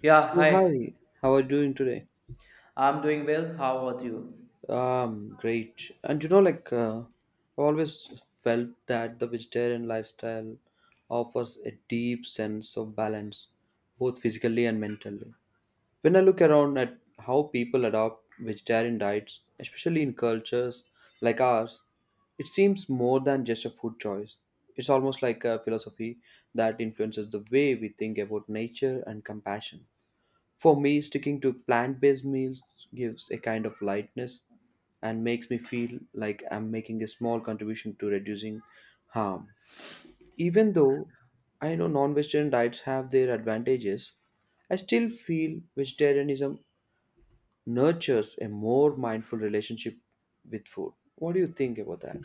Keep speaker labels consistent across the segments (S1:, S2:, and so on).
S1: Yeah,
S2: So
S1: hi.
S2: hi, how are you doing today?
S1: I'm doing well. How about you?
S2: Great. And I've always felt that the vegetarian lifestyle offers a deep sense of balance, both physically and mentally. When I look around at how people adopt vegetarian diets, especially in cultures like ours, it seems more than just a food choice. It's almost like a philosophy that influences the way we think about nature and compassion. For me, sticking to plant based meals gives a kind of lightness and makes me feel like I'm making a small contribution to reducing harm. Even though I know non vegetarian diets have their advantages, I still feel vegetarianism nurtures a more mindful relationship with food. What do you think about that?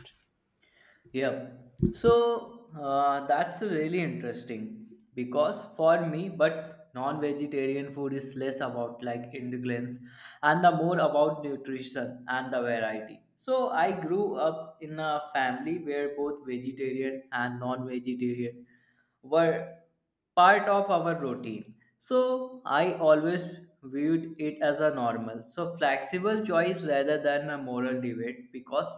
S1: Yeah. So that's really interesting because for me, but non-vegetarian food is less about like ingredients and the more about nutrition and the variety. So I grew up in a family where both vegetarian and non-vegetarian were part of our routine. So I always viewed it as a normal. So flexible choice rather than a moral debate because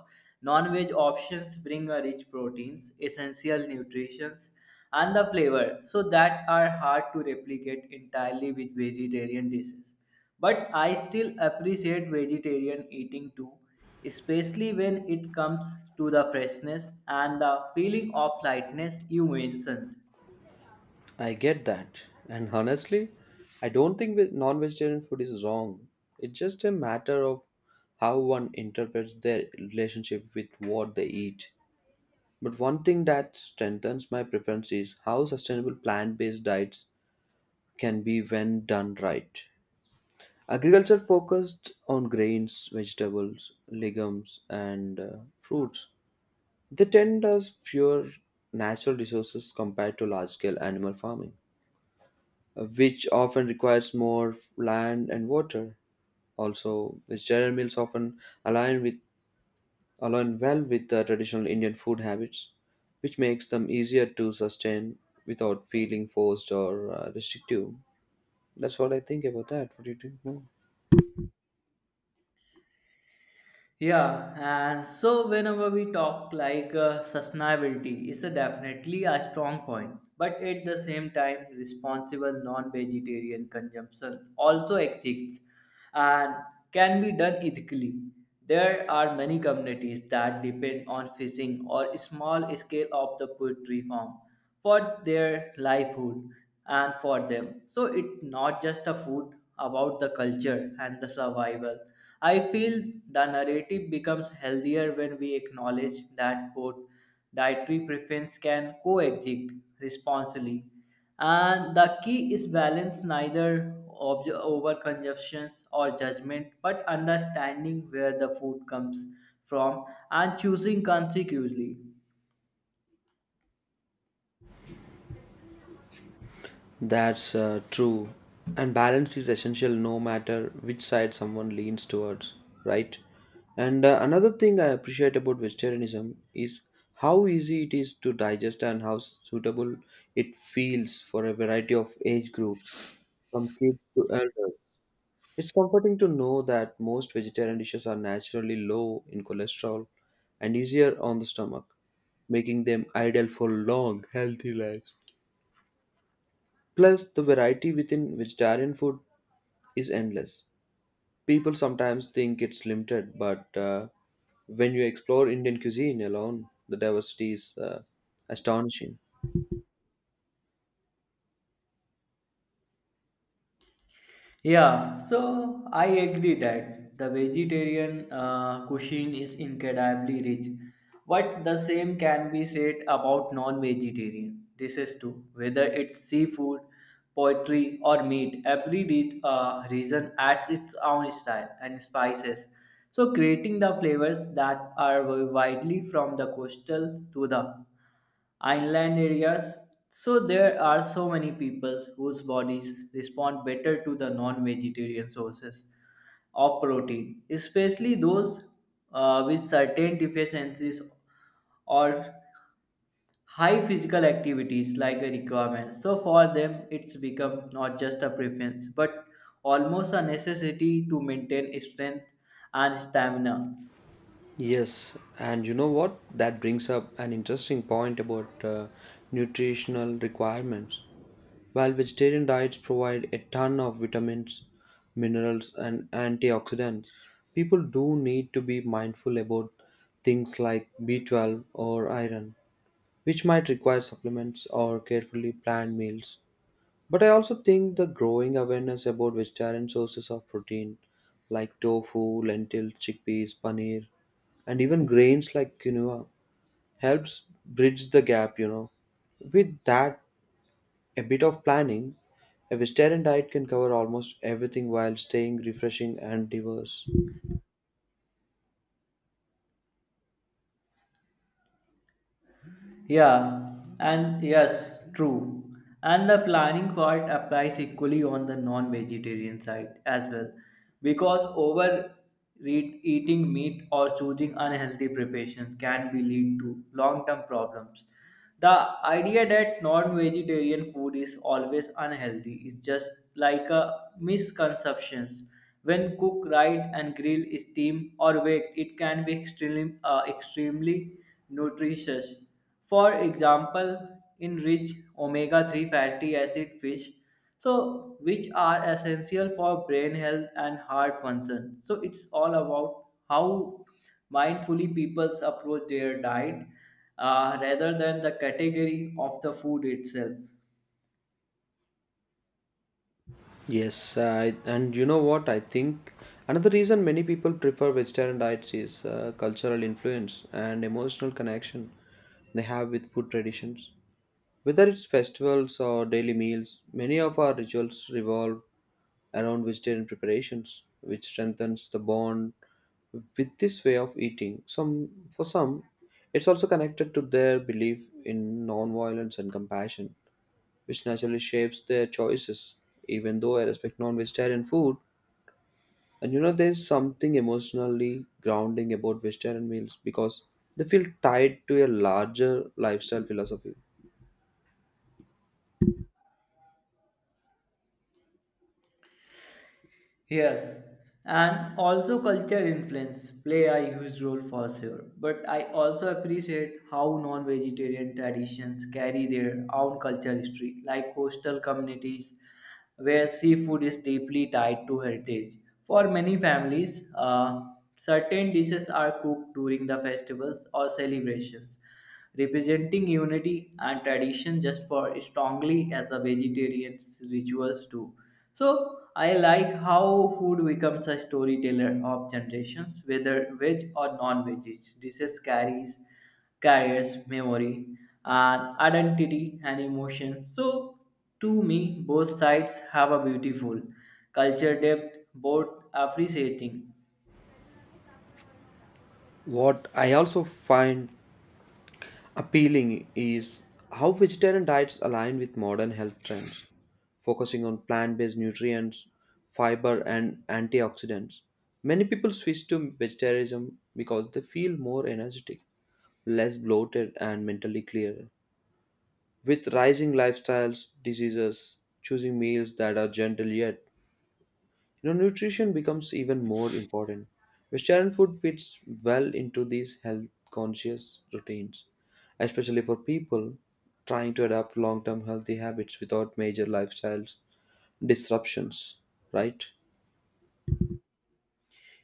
S1: non-veg options bring a rich proteins, essential nutrients, and the flavor so that are hard to replicate entirely with vegetarian dishes. But I still appreciate vegetarian eating too, especially when it comes to the freshness and the feeling of lightness you mentioned.
S2: I get that. And honestly, I don't think non-vegetarian food is wrong. It's just a matter of how one interprets their relationship with what they eat. But one thing that strengthens my preference is how sustainable plant-based diets can be when done right. Agriculture focused on grains, vegetables, legumes, and fruits. They tend us fewer natural resources compared to large-scale animal farming, which often requires more land and water. Also, vegetarian meals often align with align well with the traditional Indian food habits, which makes them easier to sustain without feeling forced or restrictive. That's what I think about that. What do you think? No?
S1: Yeah, and so whenever we talk sustainability is a definitely a strong point, but at the same time, responsible non-vegetarian consumption also exists and can be done ethically. There are many communities that depend on fishing or small scale of the poultry farm for their livelihood and for them. So it's not just a food about the culture and the survival. I feel the narrative becomes healthier when we acknowledge that both dietary preference can coexist responsibly and the key is balance neither over consumptions or judgment but understanding where the food comes from and choosing consecutively.
S2: That's true. And balance is essential no matter which side someone leans towards, right? And another thing I appreciate about vegetarianism is how easy it is to digest and how suitable it feels for a variety of age groups, from kids to elders. It's comforting to know that most vegetarian dishes are naturally low in cholesterol and easier on the stomach, making them ideal for long, healthy lives. Plus, the variety within vegetarian food is endless. People sometimes think it's limited, but when you explore Indian cuisine alone, the diversity is astonishing.
S1: Yeah, so I agree that the vegetarian cuisine is incredibly rich, but the same can be said about non-vegetarian dishes too. Whether it's seafood, poultry, or meat, every region adds its own style and spices, so creating the flavors that are widely from the coastal to the inland areas. So there are so many peoples whose bodies respond better to the non-vegetarian sources of protein, especially those with certain deficiencies or high physical activities like a requirement. So for them, it's become not just a preference, but almost a necessity to maintain strength and stamina.
S2: Yes, and you know what? That brings up an interesting point about nutritional requirements. While vegetarian diets provide a ton of vitamins, minerals, and antioxidants, people do need to be mindful about things like B12 or iron, which might require supplements or carefully planned meals. But I also think the growing awareness about vegetarian sources of protein, like tofu, lentils, chickpeas, paneer, and even grains like quinoa helps bridge the gap, you know, with that a bit of planning, a vegetarian diet can cover almost everything while staying refreshing and diverse.
S1: Yeah, and yes, true. And the planning part applies equally on the non vegetarian side as well. Because over eating meat or choosing unhealthy preparations can be lead to long term problems. The idea that non vegetarian food is always unhealthy is just like a misconception. When cooked right and grilled, steamed or baked, it can be extremely nutritious for example, in rich omega 3 fatty acid fish, so which are essential for brain health and heart function. So it's all about how mindfully people approach their diet rather than the category of the food itself.
S2: Yes, I, and you know what I think, another reason many people prefer vegetarian diets is cultural influence and emotional connection they have with food traditions. Whether it's festivals or daily meals, many of our rituals revolve around vegetarian preparations, which strengthens the bond with this way of eating. Some for some, it's also connected to their belief in non-violence and compassion, which naturally shapes their choices. Even though I respect non-vegetarian food, and you know, there's something emotionally grounding about vegetarian meals because they feel tied to a larger lifestyle philosophy.
S1: Yes, and also culture influence play a huge role for sure. But I also appreciate how non-vegetarian traditions carry their own cultural history, like coastal communities where seafood is deeply tied to heritage. For many families, certain dishes are cooked during the festivals or celebrations representing unity and tradition just for strongly as a vegetarian rituals too. So I like how food becomes a storyteller of generations, whether veg or non-veg dishes carries carriers memory and identity and emotion. So to me, both sides have a beautiful culture depth, both appreciating.
S2: What I also find appealing is how vegetarian diets align with modern health trends, focusing on plant based nutrients, fiber, and antioxidants. Many people switch to vegetarianism because they feel more energetic, less bloated, and mentally clearer. With rising lifestyles, diseases, choosing meals that are gentle yet, you know, nutrition becomes even more important. Vegetarian food fits well into these health conscious routines, especially for people trying to adapt long term healthy habits without major lifestyle disruptions, right?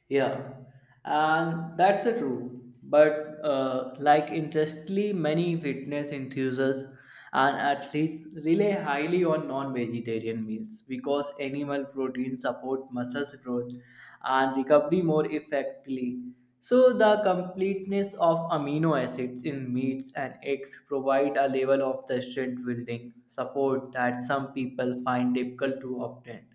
S1: Yeah, and that's a true. But like interestingly, many fitness enthusiasts and athletes rely highly on non-vegetarian meals because animal protein support muscles growth and recovery more effectively. So the completeness of amino acids in meats and eggs provide a level of the strength building support that some people find difficult to obtain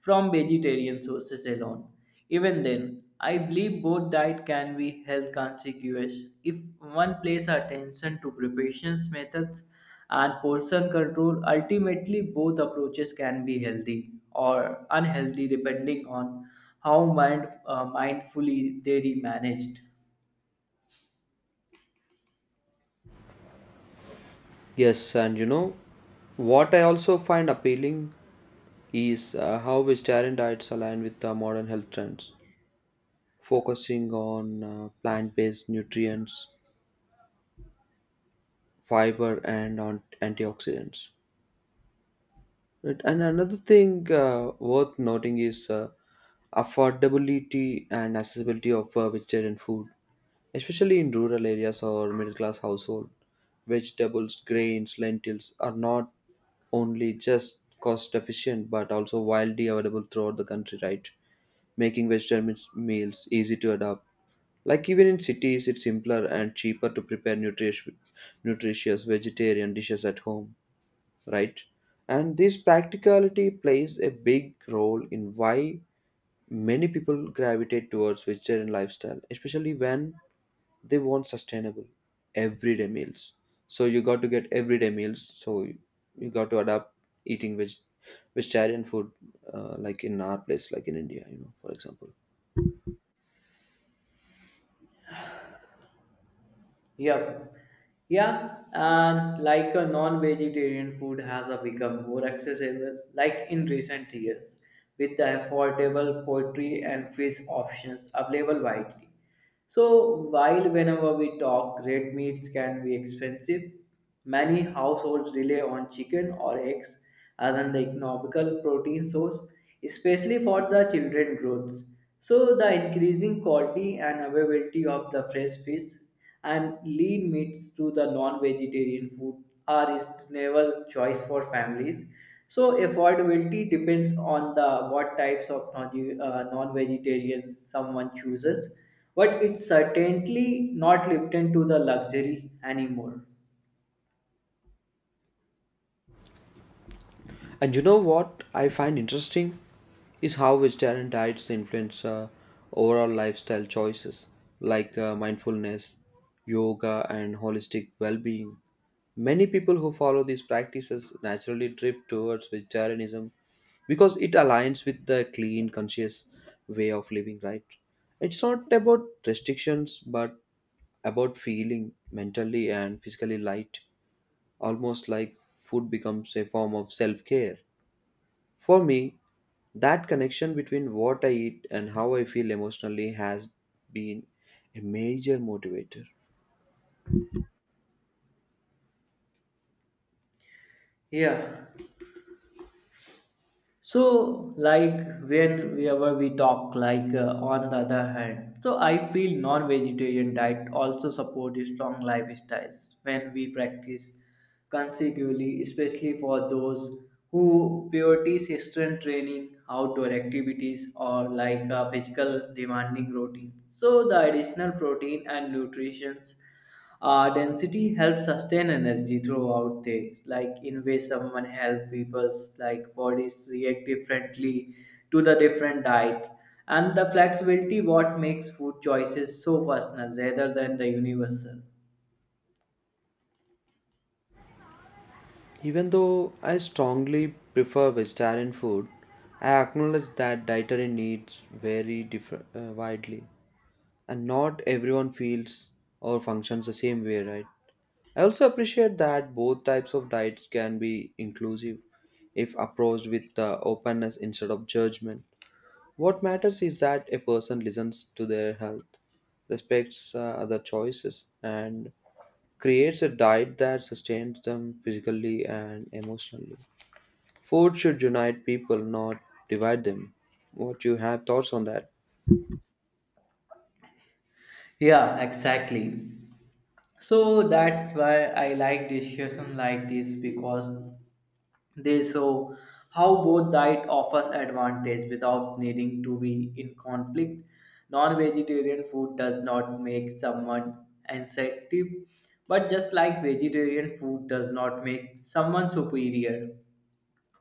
S1: from vegetarian sources alone. Even then, I believe both diet can be health conscious if one places attention to preparation methods and portion control. Ultimately, both approaches can be healthy or unhealthy depending on how mindfully they are managed.
S2: Yes, and you know, what I also find appealing is how vegetarian diets align with the modern health trends, focusing on plant based nutrients, fiber, and on antioxidants. Right. And another thing worth noting is affordability and accessibility of vegetarian food, especially in rural areas or middle class household. Vegetables, grains, lentils are not only just cost efficient but also widely available throughout the country, right? Making vegetarian meals easy to adapt. Like even in cities, it's simpler and cheaper to prepare nutritious vegetarian dishes at home, right? And this practicality plays a big role in why many people gravitate towards vegetarian lifestyle, especially when they want sustainable everyday meals. So you got to get everyday meals. So you got to adapt eating vegetarian food, like in our place, like in India, you know, for example.
S1: Yep. Yeah, and like a non-vegetarian food has a become more accessible, like in recent years, with the affordable poultry and fish options available widely. So while whenever we talk, red meats can be expensive, many households rely on chicken or eggs as an economical protein source, especially for the children growths. So the increasing quality and availability of the fresh fish and lean meats to the non-vegetarian food are reasonable choice for families. So affordability depends on the what types of non-vegetarians someone chooses, but it's certainly not limited to the luxury anymore.
S2: And you know what I find interesting is how vegetarian diets influence overall lifestyle choices like mindfulness, yoga, and holistic well being. Many people who follow these practices naturally drift towards vegetarianism because it aligns with the clean, conscious way of living, right? It's not about restrictions but about feeling mentally and physically light, almost like food becomes a form of self care. For me, that connection between what I eat and how I feel emotionally has been a major motivator.
S1: Yeah. So whenever we talk, on the other hand, so I feel non-vegetarian diet also support strong lifestyles when we practice consecutively, especially for those who prioritize strength training, outdoor activities, or physical demanding routines. So the additional protein and nutrition density helps sustain energy throughout days, like in way someone help people's like bodies react differently to the different diet. And the flexibility what makes food choices so personal rather than the universal.
S2: Even though I strongly prefer vegetarian food, I acknowledge that dietary needs vary widely, and not everyone feels or functions the same way, right? I also appreciate that both types of diets can be inclusive if approached with openness instead of judgment. What matters is that a person listens to their health, respects other choices, and creates a diet that sustains them physically and emotionally. Food should unite people, not divide them. What you have thoughts on that?
S1: Yeah, exactly. So that's why I like discussion like this because they show how both diet offers advantage without needing to be in conflict. Non-vegetarian food does not make someone insensitive, but just like vegetarian food does not make someone superior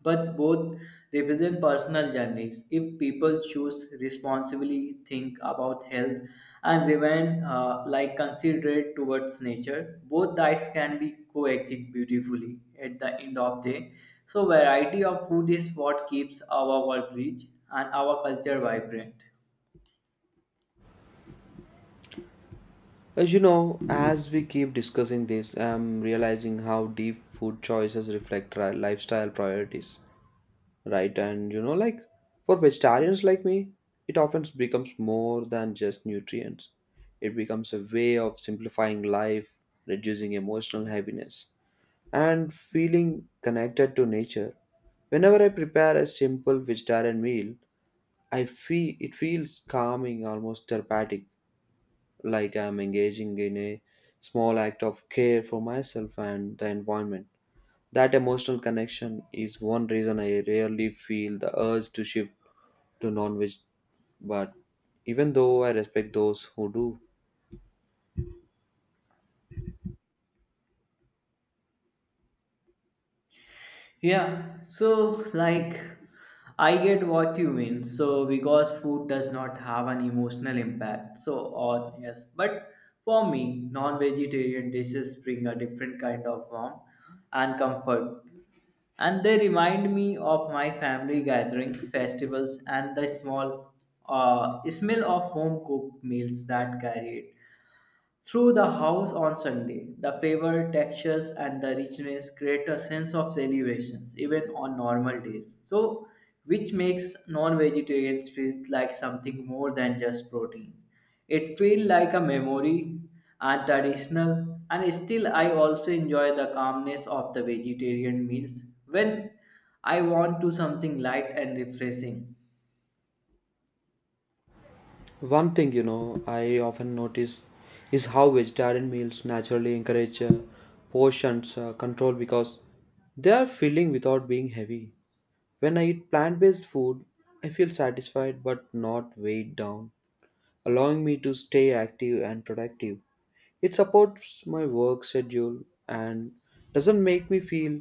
S1: but both represent personal journeys. If people choose responsibly, think about health, and remain like considerate towards nature, both diets can be coexist beautifully at the end of day. So variety of food is what keeps our world rich and our culture vibrant.
S2: As you know, as we keep discussing this, I'm realizing how deep food choices reflect our lifestyle priorities, right? And you know, like, for vegetarians like me, it often becomes more than just nutrients. It becomes a way of simplifying life, reducing emotional heaviness, and feeling connected to nature. Whenever I prepare a simple vegetarian meal, I feel it feels calming, almost therapeutic, like I'm engaging in a small act of care for myself and the environment. That emotional connection is one reason I rarely feel the urge to shift to non-veg, but even though I respect those who do.
S1: Yeah, so like I get what you mean. So because food does not have an emotional impact. So or yes, but for me, non-vegetarian dishes bring a different kind of warmth and comfort. And they remind me of my family gathering, festivals, and the small smell of home cooked meals that carry it. Through the house on Sunday, the flavor, textures, and the richness create a sense of celebrations even on normal days. So, which makes non-vegetarians feel like something more than just protein. It feels like a memory and traditional, and still I also enjoy the calmness of the vegetarian meals when I want to something light and refreshing.
S2: One thing, you know, I often notice is how vegetarian meals naturally encourage portions control, because they are filling without being heavy. When I eat plant-based food, I feel satisfied but not weighed down, allowing me to stay active and productive. It supports my work schedule and doesn't make me feel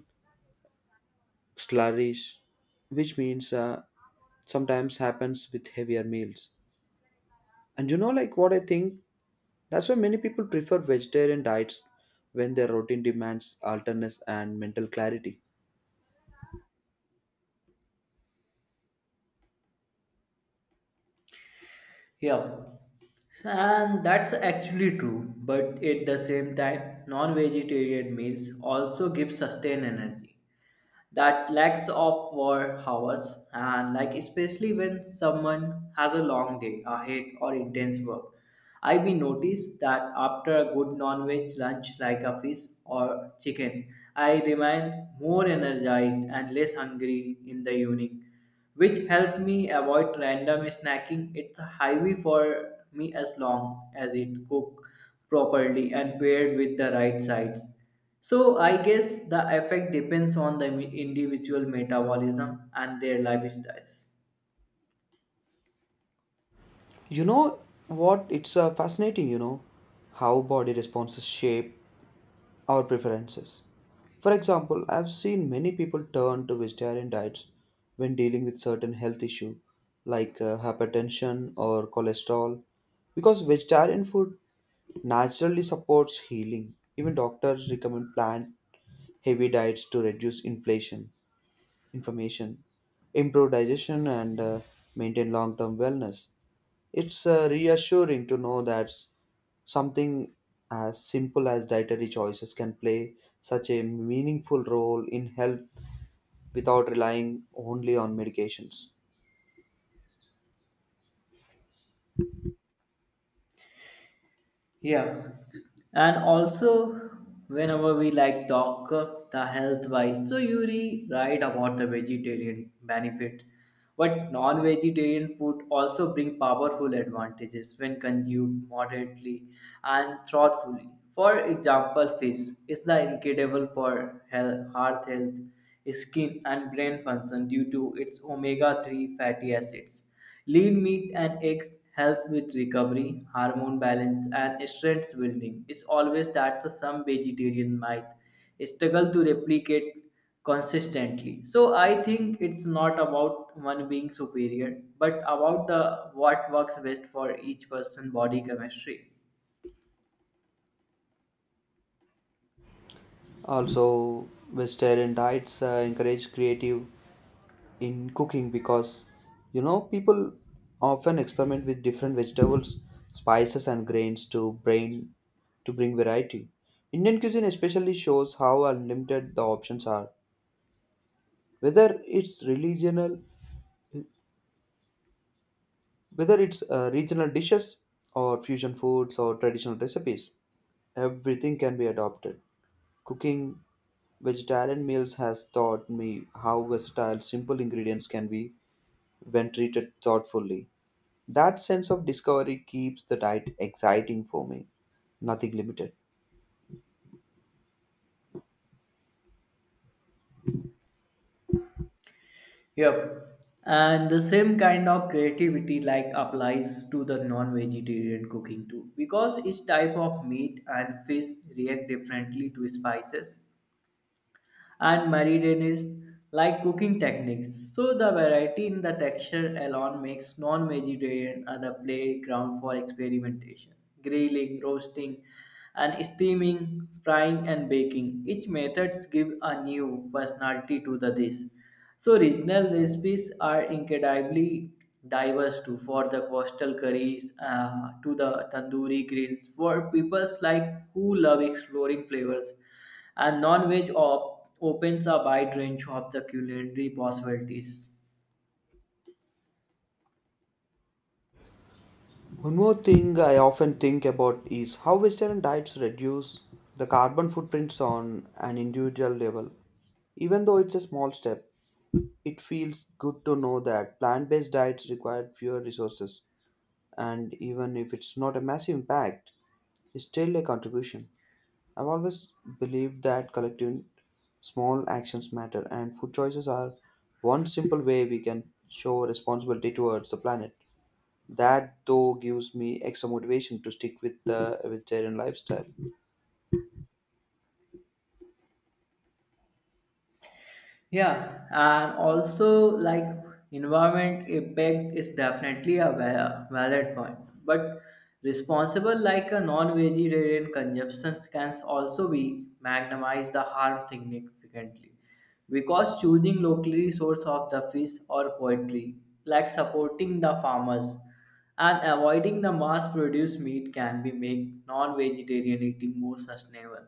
S2: sluggish, which means sometimes happens with heavier meals. And you know, like, what I think? That's why many people prefer vegetarian diets when their routine demands alertness and mental clarity.
S1: Yeah, and that's actually true. But at the same time, non vegetarian meals also give sustained energy that lacks of work hours and like especially when someone has a long day ahead or intense work I be noticed that after a good non-veg lunch like a fish or chicken I remain more energized and less hungry in the evening which help me avoid random snacking it's a highway for me as long as it cooked properly and paired with the right sides so I guess the effect depends on the individual metabolism and their lifestyles.
S2: You know what? It's fascinating, you know, how body responses shape our preferences. For example, I've seen many people turn to vegetarian diets when dealing with certain health issue like hypertension or cholesterol, because vegetarian food naturally supports healing. Even doctors recommend plant heavy diets to reduce inflammation, improve digestion, and maintain long term wellness. It's reassuring to know that something as simple as dietary choices can play such a meaningful role in health without relying only on medications.
S1: Yeah, and also whenever we like talk the health wise, so you re write about the vegetarian benefit, but non-vegetarian food also bring powerful advantages when consumed moderately and thoughtfully. For example, fish is the incredible for health, heart health, skin and brain function due to its omega-3 fatty acids. Lean meat and eggs help with recovery, hormone balance, and strength building. It's always that the some vegetarian might struggle to replicate consistently. So I think it's not about one being superior, but about the what works best for each person body chemistry.
S2: Also, vegetarian diets encourage creative in cooking, because you know people often experiment with different vegetables, spices, and grains to bring variety. Indian cuisine especially shows how unlimited the options are, whether it's regional, whether it's regional dishes or fusion foods or traditional recipes. Everything can be adopted. Cooking vegetarian meals has taught me how versatile simple ingredients can be when treated thoughtfully. That sense of discovery keeps the diet exciting for me, nothing limited.
S1: Yep. And the same kind of creativity like applies to the non-vegetarian cooking too, because each type of meat and fish react differently to spices and marinates like cooking techniques. So the variety in the texture alone makes non-vegetarian a the playground for experimentation. Grilling, roasting, and steaming, frying and baking. Each methods give a new personality to the dish. So regional recipes are incredibly diverse too, for the coastal curries to the tandoori grills for people like who love exploring flavors and opens a wide range of the culinary possibilities.
S2: One more thing I often think about is how Western diets reduce the carbon footprints on an individual level. Even though it's a small step, it feels good to know that plant based diets require fewer resources, and even if it's not a massive impact, it's still a contribution. I've always believed that collective small actions matter, and food choices are one simple way we can show responsibility towards the planet. That though gives me extra motivation to stick with the vegetarian lifestyle.
S1: Yeah, and also like environment impact is definitely a valid point, but responsible like a non-vegetarian consumption can also be magnetize the harm significantly because choosing locally source of the fish or poultry like supporting the farmers and avoiding the mass-produced meat can be make non-vegetarian eating more sustainable.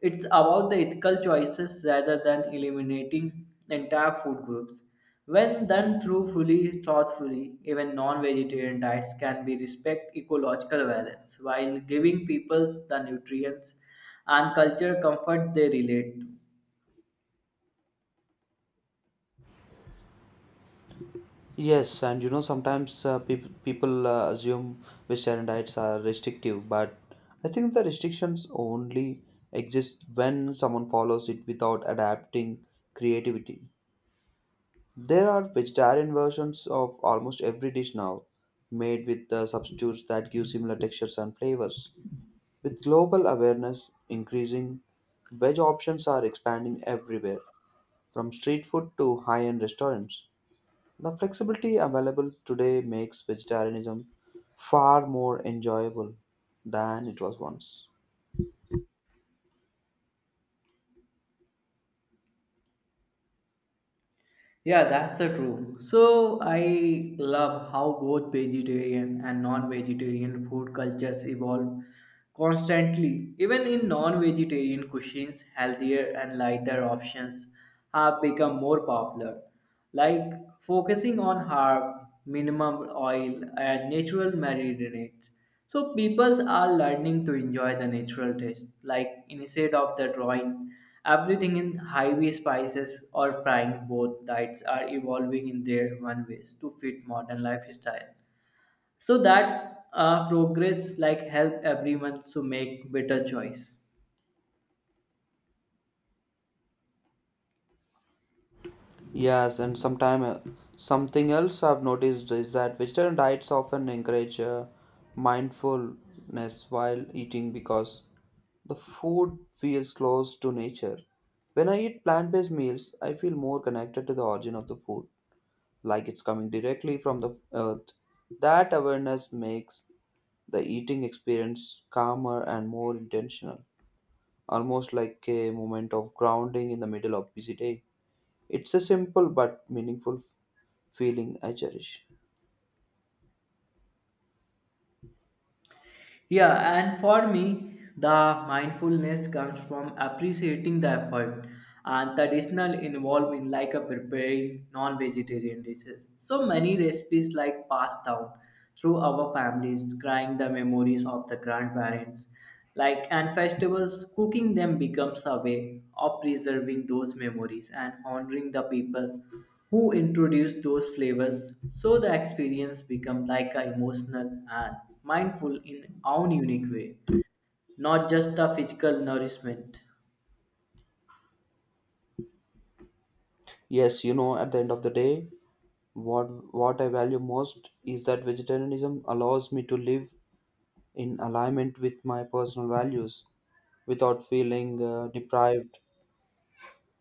S1: It's about the ethical choices rather than eliminating entire food groups. When done through fully thoughtfully, even non-vegetarian diets can be respect ecological balance while giving peoples the nutrients and culture comfort they relate to.
S2: Yes, and you know sometimes people assume vegetarian diets are restrictive, but I think the restrictions only exist when someone follows it without adapting creativity. There are vegetarian versions of almost every dish now, made with substitutes that give similar textures and flavors. With global awareness increasing, veg options are expanding everywhere, from street food to high-end restaurants. The flexibility available today makes vegetarianism far more enjoyable than it was once.
S1: Yeah, that's the true. So I love how both vegetarian and non-vegetarian food cultures evolve constantly. Even in non-vegetarian cuisines, healthier and lighter options have become more popular like focusing on herb, minimum oil, and natural marinades. So people are learning to enjoy the natural taste, like instead of the drawing everything in highway spices or frying both diets are evolving in their one ways to fit modern lifestyle so that progress like help everyone to make better choice.
S2: Yes, and sometime something else I've noticed is that Western diets often encourage mindfulness while eating because the food feels close to nature. When I eat plant-based meals, I feel more connected to the origin of the food, like it's coming directly from the earth. That awareness makes the eating experience calmer and more intentional, almost like a moment of grounding in the middle of busy day. It's a simple but meaningful feeling I cherish.
S1: Yeah, and for me, the mindfulness comes from appreciating the effort and traditional involvement, like a preparing non-vegetarian dishes. So many recipes like passed down through our families, crying the memories of the grandparents, like and festivals, cooking them becomes a way of preserving those memories and honoring the people who introduce those flavors so the experience become like a emotional and mindful in own unique way not just a physical nourishment.
S2: Yes, you know, at the end of the day, what I value most is that vegetarianism allows me to live in alignment with my personal values without feeling deprived.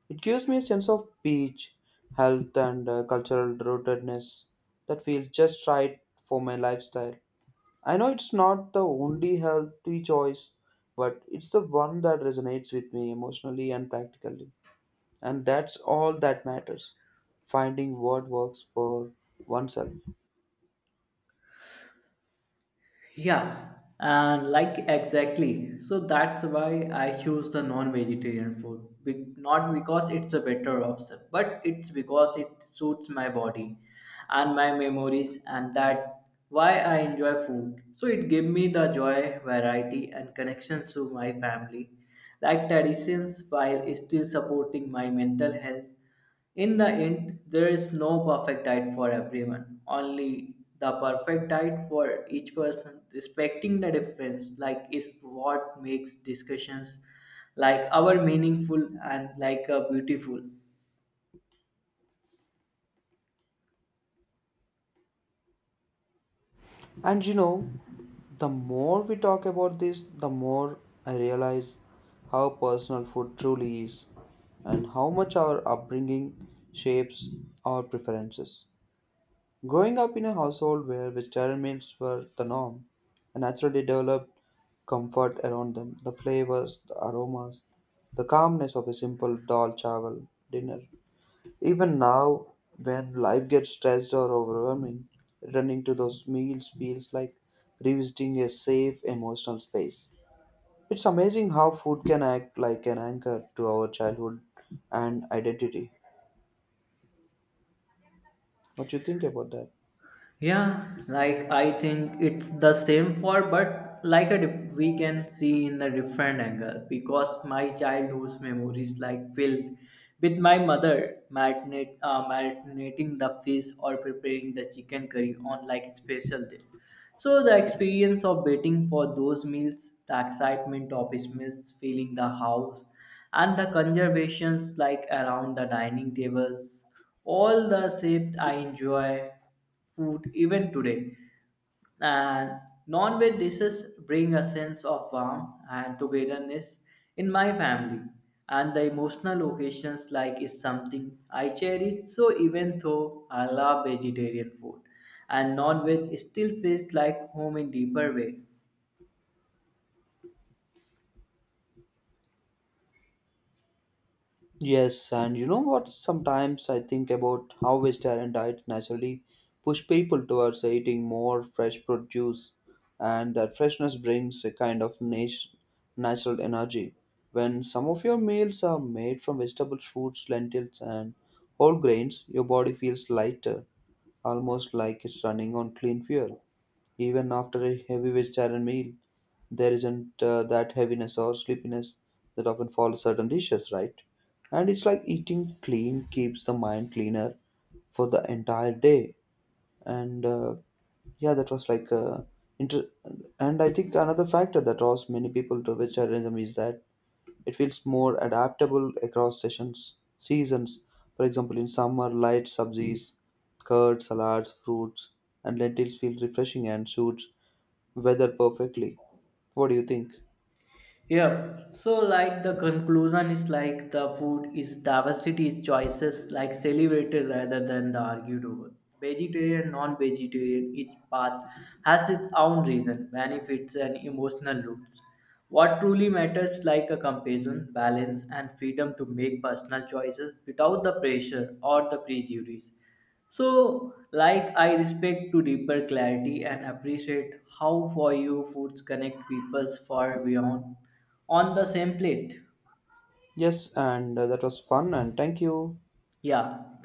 S2: It gives me a sense of peace, health, and cultural rootedness that feels just right for my lifestyle. I know it's not the only healthy choice, but it's the one that resonates with me emotionally and practically. And that's all that matters, finding what works for oneself.
S1: Yeah, and like exactly. So that's why I choose the non-vegetarian food. Not because it's a better option, but it's because it suits my body and my memories, and that why I enjoy food. So it gave me the joy, variety, and connections to my family, like traditions while still supporting my mental health. In the end, there is no perfect diet for everyone, only the perfect diet for each person. Respecting the difference, like, is what makes discussions like our meaningful and beautiful.
S2: And you know, the more we talk about this, the more I realize how personal food truly is and how much our upbringing shapes our preferences. Growing up in a household where vegetarian meals were the norm, I naturally developed comfort around them, the flavors, the aromas, the calmness of a simple dal chawal dinner. Even now, when life gets stressed or overwhelming, running to those meals feels like revisiting a safe emotional space. It's amazing how food can act like an anchor to our childhood and identity. What you think about that?
S1: Yeah, like I think it's the same for, but like a we can see in a different angle because my childhood's memories like filled with my mother marinating the fish or preparing the chicken curry on like special day. So the experience of waiting for those meals, the excitement of smells filling the house, and the conversations like around the dining tables, all the shaped I enjoy food even today. And non-veg dishes bring a sense of warmth and togetherness in my family. And the emotional occasions like is something I cherish. So even though I love vegetarian food and non-veg still feels like home in deeper way.
S2: Yes, and you know what? Sometimes I think about how vegetarian diets naturally push people towards eating more fresh produce, and that freshness brings a kind of natural energy. When some of your meals are made from vegetables, fruits, lentils, and whole grains, your body feels lighter, almost like it's running on clean fuel. Even after a heavy vegetarian meal, there isn't that heaviness or sleepiness that often follows certain dishes, right? And it's like eating clean keeps the mind cleaner for the entire day. And yeah, that was like inter- and I think another factor that draws many people to vegetarianism is that it feels more adaptable across seasons. For example, in summer, light subsies, curds, salads, fruits, and lentils feel refreshing and suits weather perfectly. What do you think?
S1: Yeah. So like the conclusion is like the food is diversity is choices like celebrated rather than the argued over. Vegetarian, non-vegetarian, each path has its own reason, benefits and emotional roots. What truly matters like a compassion, balance and freedom to make personal choices without the pressure or the prejudice. So, like I respect to deeper clarity and appreciate how for you foods connect people's far beyond on the same plate.
S2: Yes, and that was fun, and thank you.
S1: Yeah,